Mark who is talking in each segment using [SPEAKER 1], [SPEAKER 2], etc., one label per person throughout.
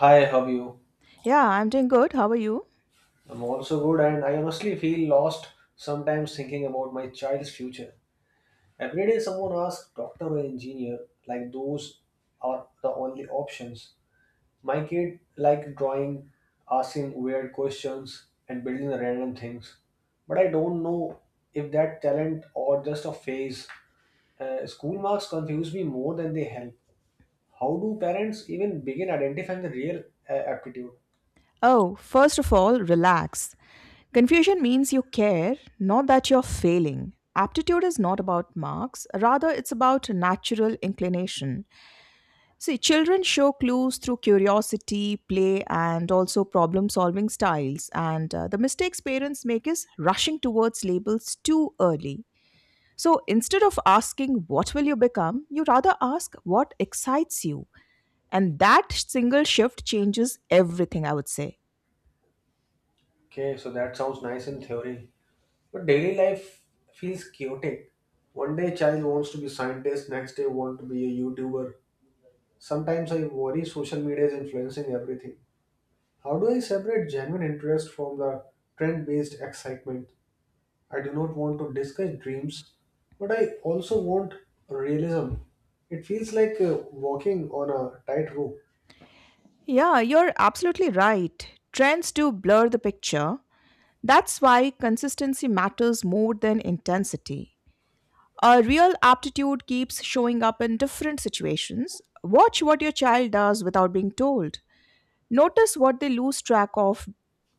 [SPEAKER 1] Hi, how are you?
[SPEAKER 2] Yeah, I'm doing good. How are you?
[SPEAKER 1] I'm also good, and I honestly feel lost sometimes thinking about my child's future. Every day, someone asks doctor or engineer, like those are the only options. My kid like drawing, asking weird questions, and building random things. But I don't know if that talent or just a phase. School marks confuse me more than they help. How do parents even begin identifying the real aptitude?
[SPEAKER 2] Oh, first of all, relax. Confusion means you care, not that you're failing. Aptitude is not about marks, rather, it's about natural inclination. See, children show clues through curiosity, play, and also problem solving styles. And The mistakes parents make is rushing towards labels too early. So instead of asking, "What will you become?" you rather ask, "What excites you?" And that single shift changes everything, I would say.
[SPEAKER 1] Okay, so that sounds nice in theory. But daily life feels chaotic. One day a child wants to be scientist, next day want to be a YouTuber. Sometimes I worry social media is influencing everything. How do I separate genuine interest from the trend-based excitement? I do not want to discuss dreams, but I also want realism. It feels like walking on a tightrope.
[SPEAKER 2] Yeah, you're absolutely right. Trends do blur the picture. That's why consistency matters more than intensity. A real aptitude keeps showing up in different situations. Watch what your child does without being told. Notice what they lose track of.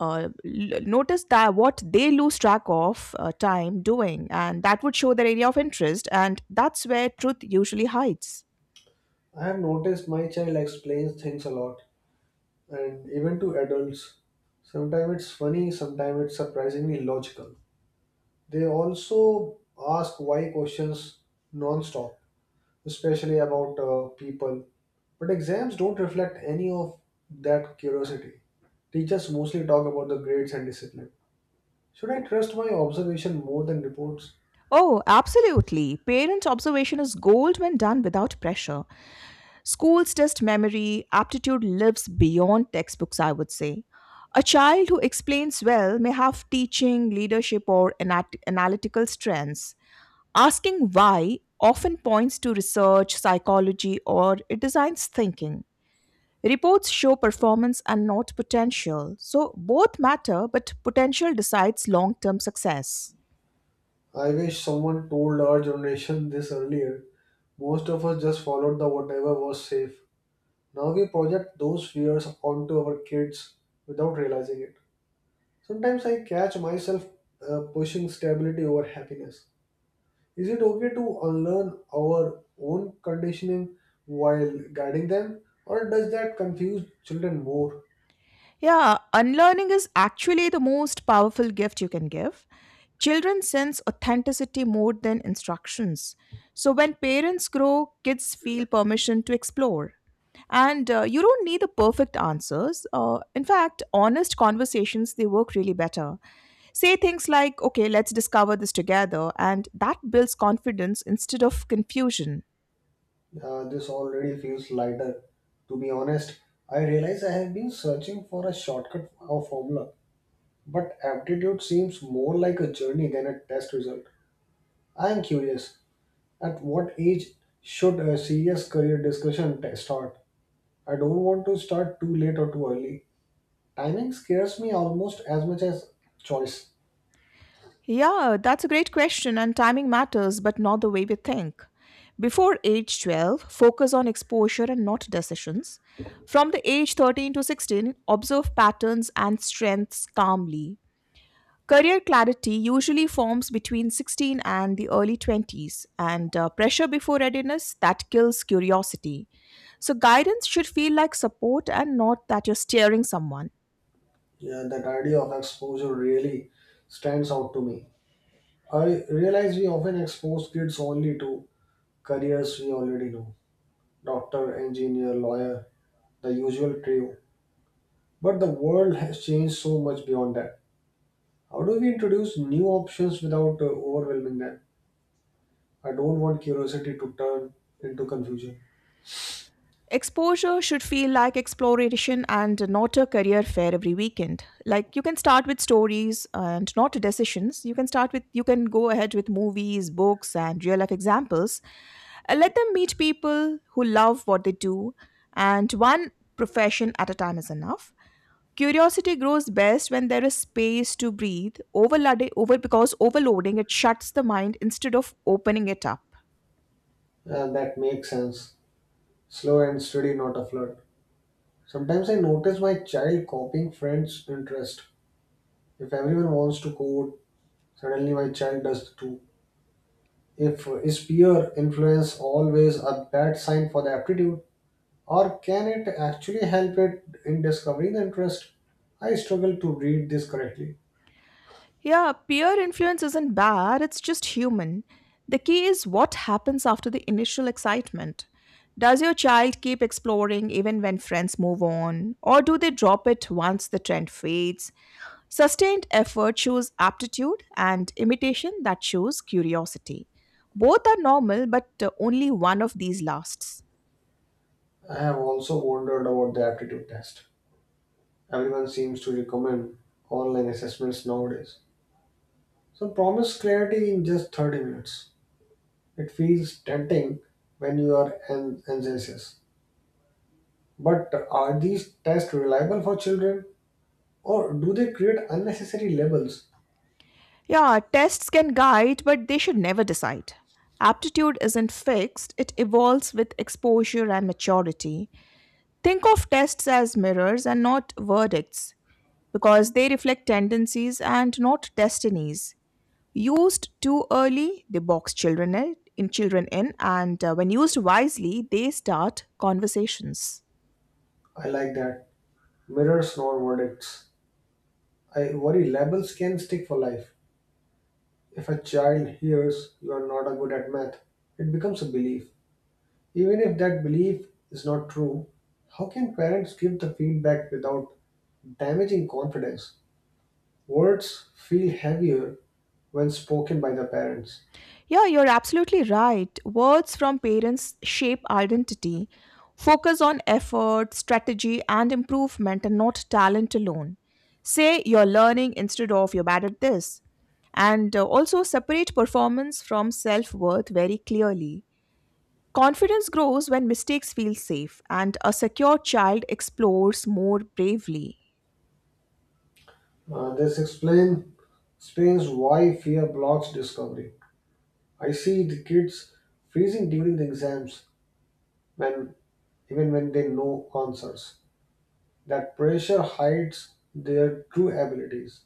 [SPEAKER 2] L- notice that what they lose track of time doing, and that would show their area of interest, and that's where truth usually hides.
[SPEAKER 1] I have noticed my child explains things a lot, and even to adults. Sometimes it's funny, sometimes it's surprisingly logical. They also ask why questions non-stop, especially about people. But exams don't reflect any of that curiosity. Teachers mostly talk about the grades and discipline. Should I trust my observation more than reports?
[SPEAKER 2] Oh, absolutely. Parent observation is gold when done without pressure. Schools test memory, aptitude lives beyond textbooks, I would say. A child who explains well may have teaching, leadership, or analytical strengths. Asking why often points to research, psychology, or it designs thinking. Reports show performance and not potential. So both matter, but potential decides long term success.
[SPEAKER 1] I wish someone told our generation this earlier. Most of us just followed the whatever was safe. Now we project those fears onto our kids without realizing it. Sometimes I catch myself pushing stability over happiness. Is it okay to unlearn our own conditioning while guiding them, or does that confuse children more?
[SPEAKER 2] Yeah, unlearning is actually the most powerful gift you can give. Children sense authenticity more than instructions. So when parents grow, kids feel permission to explore. And You don't need the perfect answers. In fact, honest conversations they work really better. Say things like, "Okay, let's discover this together," and that builds confidence instead of confusion.
[SPEAKER 1] This already feels lighter. To be honest, I realize I have been searching for a shortcut or formula, but aptitude seems more like a journey than a test result. I am curious at what age should a serious career discussion start? I don't want to start too late or too early. Timing scares me almost as much as choice.
[SPEAKER 2] Yeah, that's a great question, and timing matters, but not the way we think. Before age 12, focus on exposure and not decisions. From the age 13 to 16, observe patterns and strengths calmly. Career clarity usually forms between 16 and the early 20s, and pressure before readiness that kills curiosity. So, guidance should feel like support and not that you're steering someone.
[SPEAKER 1] Yeah, that idea of exposure really stands out to me. I realize we often expose kids only to careers we already know doctor, engineer, lawyer, the usual trio. But the world has changed so much beyond that. How do we introduce new options without overwhelming them? I don't want curiosity to turn into confusion.
[SPEAKER 2] Exposure should feel like exploration and not a career fair every weekend. Like you can start with stories and not decisions. You can go ahead with movies, books, and real life examples. Let them meet people who love what they do, and one profession at a time is enough. Curiosity grows best when there is space to breathe. Overloading over because Overloading it shuts the mind instead of opening it up.
[SPEAKER 1] And that makes sense. Slow and steady, not a flood. Sometimes I notice my child copying friends' interest. If everyone wants to code, suddenly, my child does too. If is peer influence always a bad sign for the aptitude, or can it actually help it in discovering the interest? I struggle to read this correctly.
[SPEAKER 2] Yeah, peer influence isn't bad, it's just human. The key is what happens after the initial excitement. Does your child keep exploring even when friends move on? Or do they drop it once the trend fades? Sustained effort shows aptitude and imitation that shows curiosity. Both are normal, but only one of these lasts.
[SPEAKER 1] I have also wondered about the aptitude test. Everyone seems to recommend online assessments nowadays. So promise clarity in just 30 minutes. It feels tempting when you are enthusiastic. But are these tests reliable for children or do they create unnecessary labels?
[SPEAKER 2] Yeah, tests can guide, but they should never decide. Aptitude isn't fixed, it evolves with exposure and maturity. Think of tests as mirrors and not verdicts, because they reflect tendencies and not destinies. Used too early, they box children in, and when used wisely, they start conversations.
[SPEAKER 1] I like that. Mirrors, not verdicts. I worry labels can stick for life. If a child hears you are not a good at math, it becomes a belief. Even if that belief is not true, how can parents give the feedback without damaging confidence? Words feel heavier when spoken by the parents.
[SPEAKER 2] Yeah, you're absolutely right. Words from parents shape identity. Focus on effort, strategy, and improvement, and not talent alone. Say "you're learning" instead of "you're bad at this." And Also separate performance from self worth very clearly. Confidence grows when mistakes feel safe, and a secure child explores more bravely.
[SPEAKER 1] This explains why fear blocks discovery. I see the kids freezing during the exams when even when they know concerts. That pressure hides their true abilities.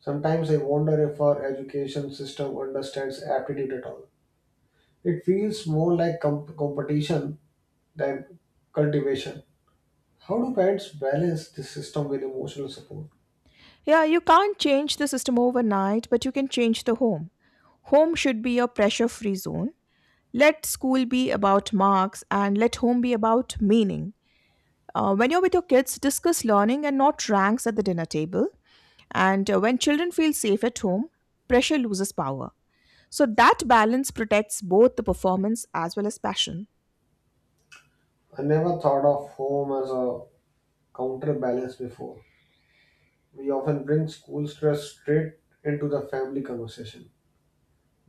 [SPEAKER 1] Sometimes I wonder if our education system understands aptitude at all. It feels more like competition than cultivation. How do parents balance this system with emotional support?
[SPEAKER 2] Yeah, you can't change the system overnight, but you can change the home. Home should be a pressure free zone. Let school be about marks and let home be about meaning. When you're with your kids, discuss learning and not ranks at the dinner table. And When children feel safe at home, pressure loses power. So that balance protects both the performance as well as passion.
[SPEAKER 1] I never thought of home as a counterbalance before. We often bring school stress straight into the family conversation.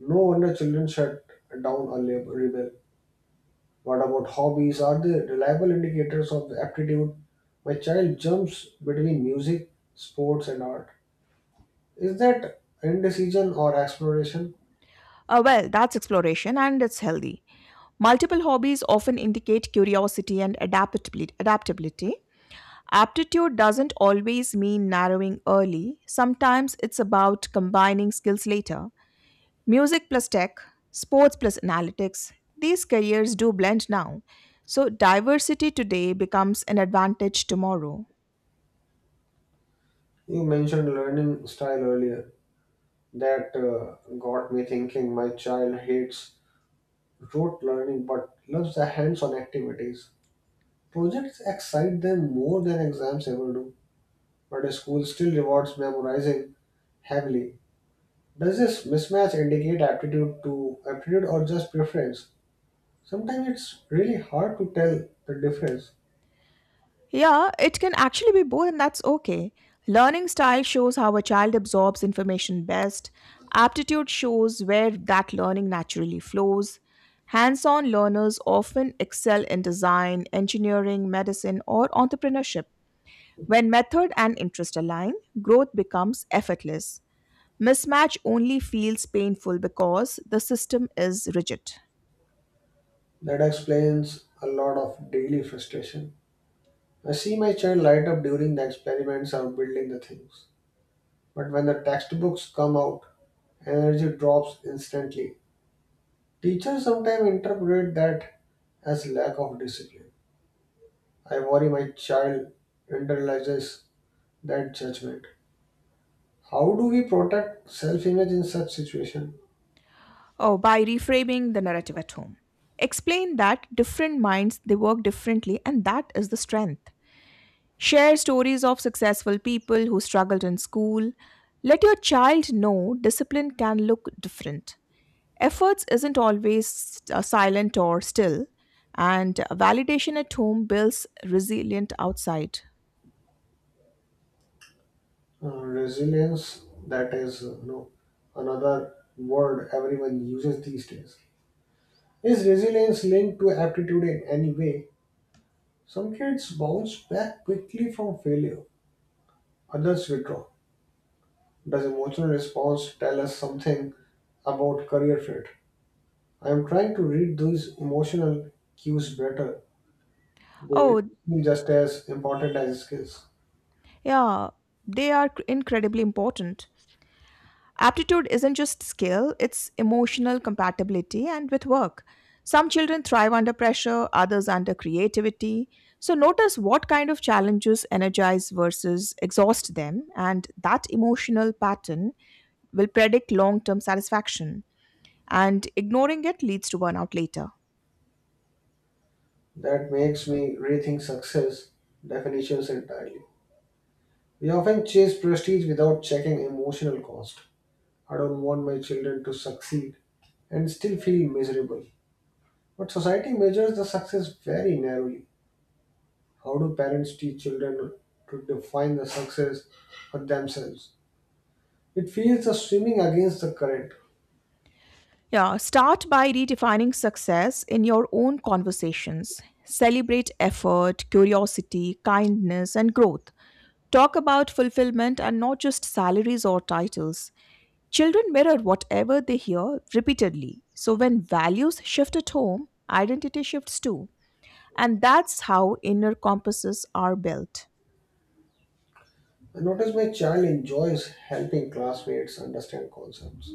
[SPEAKER 1] No wonder children shut down or rebel. What about hobbies? Are they reliable indicators of aptitude? My child jumps between music, sports, and art. Is that indecision or exploration?
[SPEAKER 2] That's exploration and it's healthy. Multiple hobbies often indicate curiosity and adaptability. Aptitude doesn't always mean narrowing early, sometimes it's about combining skills later. Music plus tech, sports plus analytics, these careers do blend now. So, diversity today becomes an advantage tomorrow.
[SPEAKER 1] You mentioned learning style earlier. That got me thinking my child hates rote learning but loves the hands on activities. Projects excite them more than exams ever do, but school still rewards memorizing heavily. Does this mismatch indicate aptitude to aptitude or just preference? Sometimes it's really hard to tell the difference.
[SPEAKER 2] Yeah, it can actually be both, and that's okay. Learning style shows how a child absorbs information best, aptitude shows where that learning naturally flows. Hands on learners often excel in design, engineering, medicine, or entrepreneurship. When method and interest align, growth becomes effortless. Mismatch only feels painful because the system is rigid.
[SPEAKER 1] That explains a lot of daily frustration. I see my child light up during the experiments or building the things. But when the textbooks come out, energy drops instantly. Teachers sometimes interpret that as lack of discipline. I worry my child internalizes that judgment. How do we protect self image in such situation?
[SPEAKER 2] Oh, by reframing the narrative at home. Explain that different minds they work differently and that is the strength. Share stories of successful people who struggled in school. Let your child know discipline can look different. Efforts isn't always silent or still, and validation at home builds resilient outside.
[SPEAKER 1] Resilience, that is you know, another word everyone uses these days. Is resilience linked to aptitude in any way? Some kids bounce back quickly from failure, others withdraw. Does emotional response tell us something about career fit? I am trying to read these emotional cues better. They
[SPEAKER 2] Oh,
[SPEAKER 1] seem just as important as skills.
[SPEAKER 2] yeah, they are incredibly important. Aptitude isn't just skill, it's emotional compatibility and with work. Some children thrive under pressure, others under creativity. So notice what kind of challenges energize versus exhaust them, and that emotional pattern will predict long term satisfaction. And ignoring it leads to burnout later.
[SPEAKER 1] That makes me rethink success definitions entirely. We often chase prestige without checking emotional cost. I don't want my children to succeed and still feel miserable. But society measures the success very narrowly. How do parents teach children to define the success for themselves? It feels the swimming against the current.
[SPEAKER 2] Yeah, start by redefining success in your own conversations. Celebrate effort, curiosity, kindness, and growth. Talk about fulfillment and not just salaries or titles. Children mirror whatever they hear repeatedly. So when values shift at home, identity shifts too. And that's how inner compasses are built.
[SPEAKER 1] I notice my child enjoys helping classmates understand concepts.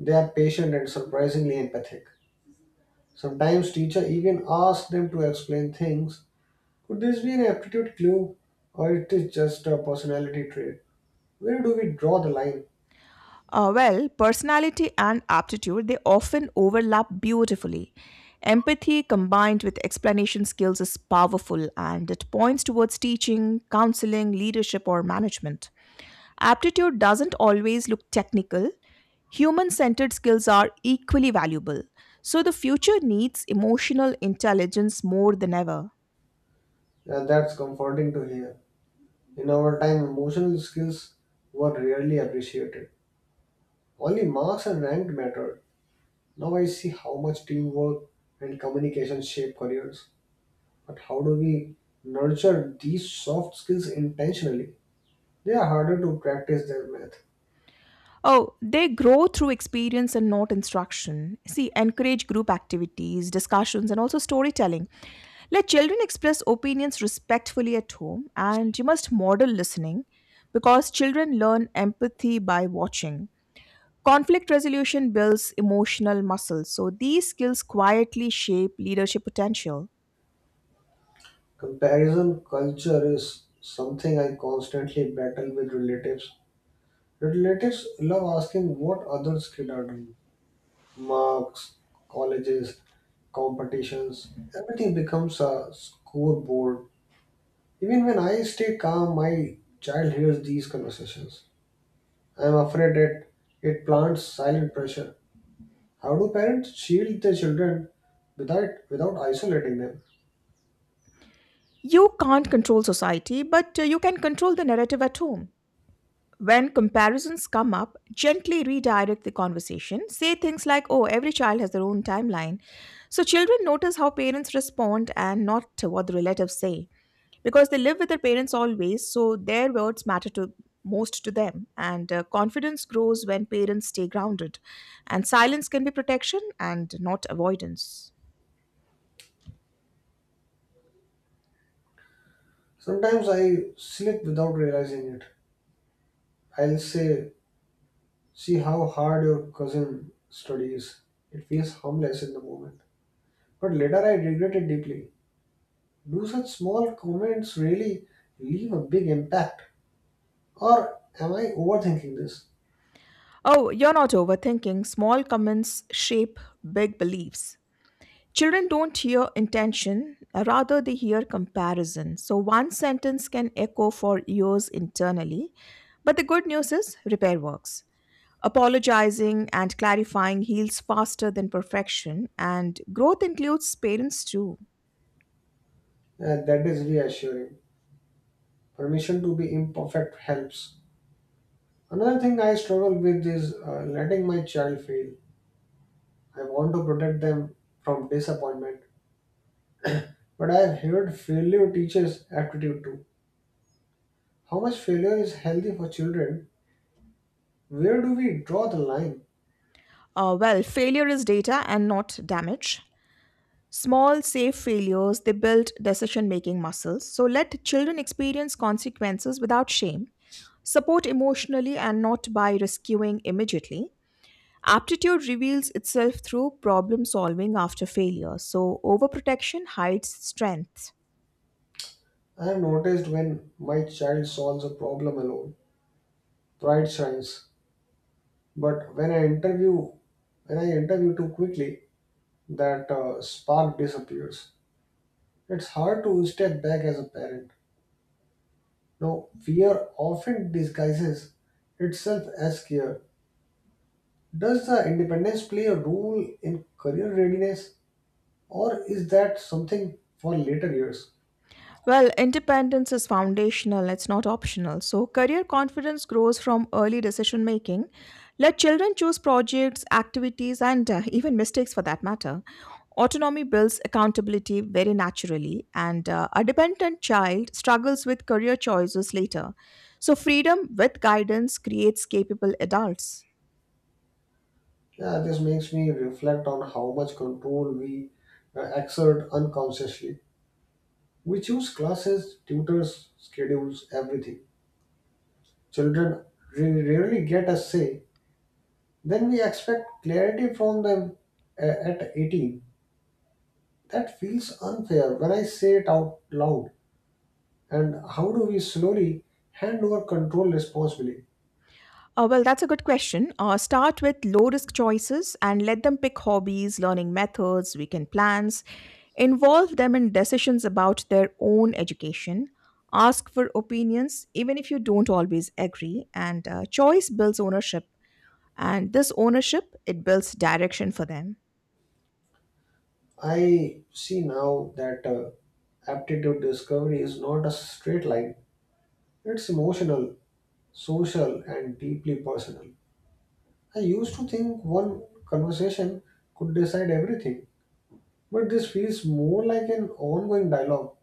[SPEAKER 1] They are patient and surprisingly empathic. Sometimes teacher even asks them to explain things. Could this be an aptitude clue or it is just a personality trait? Where do we draw the line?
[SPEAKER 2] Personality and aptitude, they often overlap beautifully. Empathy combined with explanation skills is powerful and it points towards teaching, counseling, leadership, or management. Aptitude doesn't always look technical. Human centered skills are equally valuable. So the future needs emotional intelligence more than ever.
[SPEAKER 1] Yeah, that's comforting to hear. In our time, emotional skills were rarely appreciated. Only marks and rank mattered. Now I see how much teamwork and communication shape careers. But how do we nurture these soft skills intentionally? They are harder to practice than math.
[SPEAKER 2] Oh, they grow through experience and not instruction. See, encourage group activities, discussions, and also storytelling. Let children express opinions respectfully at home, and you must model listening because children learn empathy by watching. Conflict resolution builds emotional muscle, so these skills quietly shape leadership potential.
[SPEAKER 1] Comparison culture is something I constantly battle with relatives. Relatives love asking what others' kids are doing. Marks, colleges, competitions, everything becomes a scoreboard. Even when I stay calm, my child hears these conversations. I am afraid that it plants silent pressure. How do parents shield their children without isolating them?
[SPEAKER 2] You can't control society, but you can control the narrative at home. When comparisons come up, gently redirect the conversation. Say things like, "Oh, every child has their own timeline." So children notice how parents respond and not what the relatives say, because they live with their parents always, so their words matter to most to them. And confidence grows when parents stay grounded, and silence can be protection and not avoidance.
[SPEAKER 1] Sometimes I slip without realizing it. I'll say, see how hard your cousin studies. It feels harmless in the moment. But later I regretted deeply. Do such small comments really leave a big impact? Or am I overthinking this?
[SPEAKER 2] Oh, you're not overthinking. Small comments shape big beliefs. Children don't hear intention, rather they hear comparison. So one sentence can echo for years internally, but the good news is repair works. Apologizing and clarifying heals faster than perfection, and growth includes parents too.
[SPEAKER 1] That is reassuring. Permission to be imperfect helps. Another thing I struggle with is letting my child fail. I want to protect them from disappointment. But I have heard failure teaches aptitude too. How much failure is healthy for children? Where do we draw the line?
[SPEAKER 2] Failure is data and not damage. Small, safe failures, they build decision making muscles. So let children experience consequences without shame. Support emotionally and not by rescuing immediately. Aptitude reveals itself through problem solving after failure. So overprotection hides strength.
[SPEAKER 1] I have noticed when my child solves a problem alone, pride shines. But when I interview too quickly, that spark disappears. It's hard to step back as a parent. Now, fear often disguises itself as care. Does the independence play a role in career readiness, or is that something for later years?
[SPEAKER 2] Well, independence is foundational, it's not optional. So, career confidence grows from early decision making. Let children choose projects, activities, and even mistakes for that matter. Autonomy builds accountability very naturally, and a dependent child struggles with career choices later. So, freedom with guidance creates capable adults.
[SPEAKER 1] Yeah, this makes me reflect on how much control we exert unconsciously. We choose classes, tutors, schedules, everything. Children rarely get a say, then we expect clarity from them at 18. That feels unfair when I say it out loud. And how do we slowly hand over control responsibly?
[SPEAKER 2] That's a good question. Start with low risk choices and let them pick hobbies, learning methods, weekend plans. Involve them in decisions about their own education. Ask for opinions, even if you don't always agree. And choice builds ownership. And this ownership, it builds direction for them.
[SPEAKER 1] I see now that aptitude discovery is not a straight line, it's emotional, social, and deeply personal. I used to think one conversation could decide everything, but this feels more like an ongoing dialogue.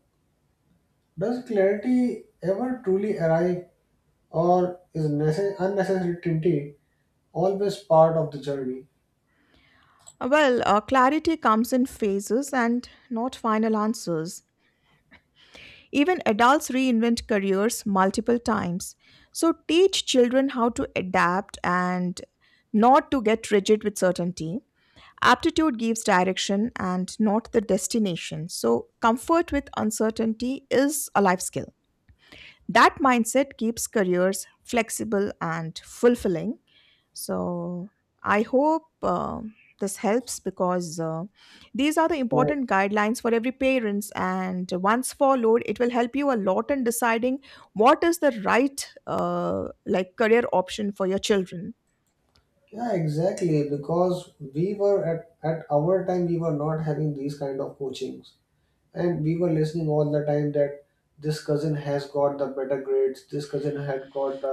[SPEAKER 1] Does clarity ever truly arrive, or is unnecessary tinty always part of the journey?
[SPEAKER 2] Clarity comes in phases and not final answers. Even adults reinvent careers multiple times. So teach children how to adapt and not to get rigid with certainty. Aptitude gives direction and not the destination. So comfort with uncertainty is a life skill. That mindset keeps careers flexible and fulfilling. So I hope this helps, because these are the
[SPEAKER 1] Yeah.
[SPEAKER 2] important guidelines for every parents, and once followed, it will help you a lot in deciding what is the right like career option for your children.
[SPEAKER 1] Yeah, exactly. Because we were at our time, we were not having these kind of coachings. And we were listening all the time that this cousin has got the better grades, this cousin had got the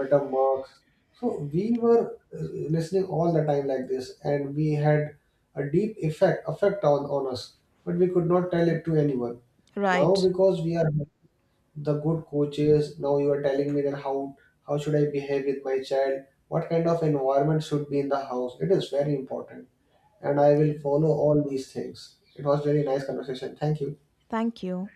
[SPEAKER 1] better marks, so we were listening all the time like this, and we had a deep effect on us, but we could not tell it to anyone now,
[SPEAKER 2] Right.
[SPEAKER 1] because we are the good coaches. Now you are telling me that how should I behave with my child, what kind of environment should be in the house, it is very important, and I will follow all these things. It was very nice conversation. Thank you.
[SPEAKER 2] Thank you.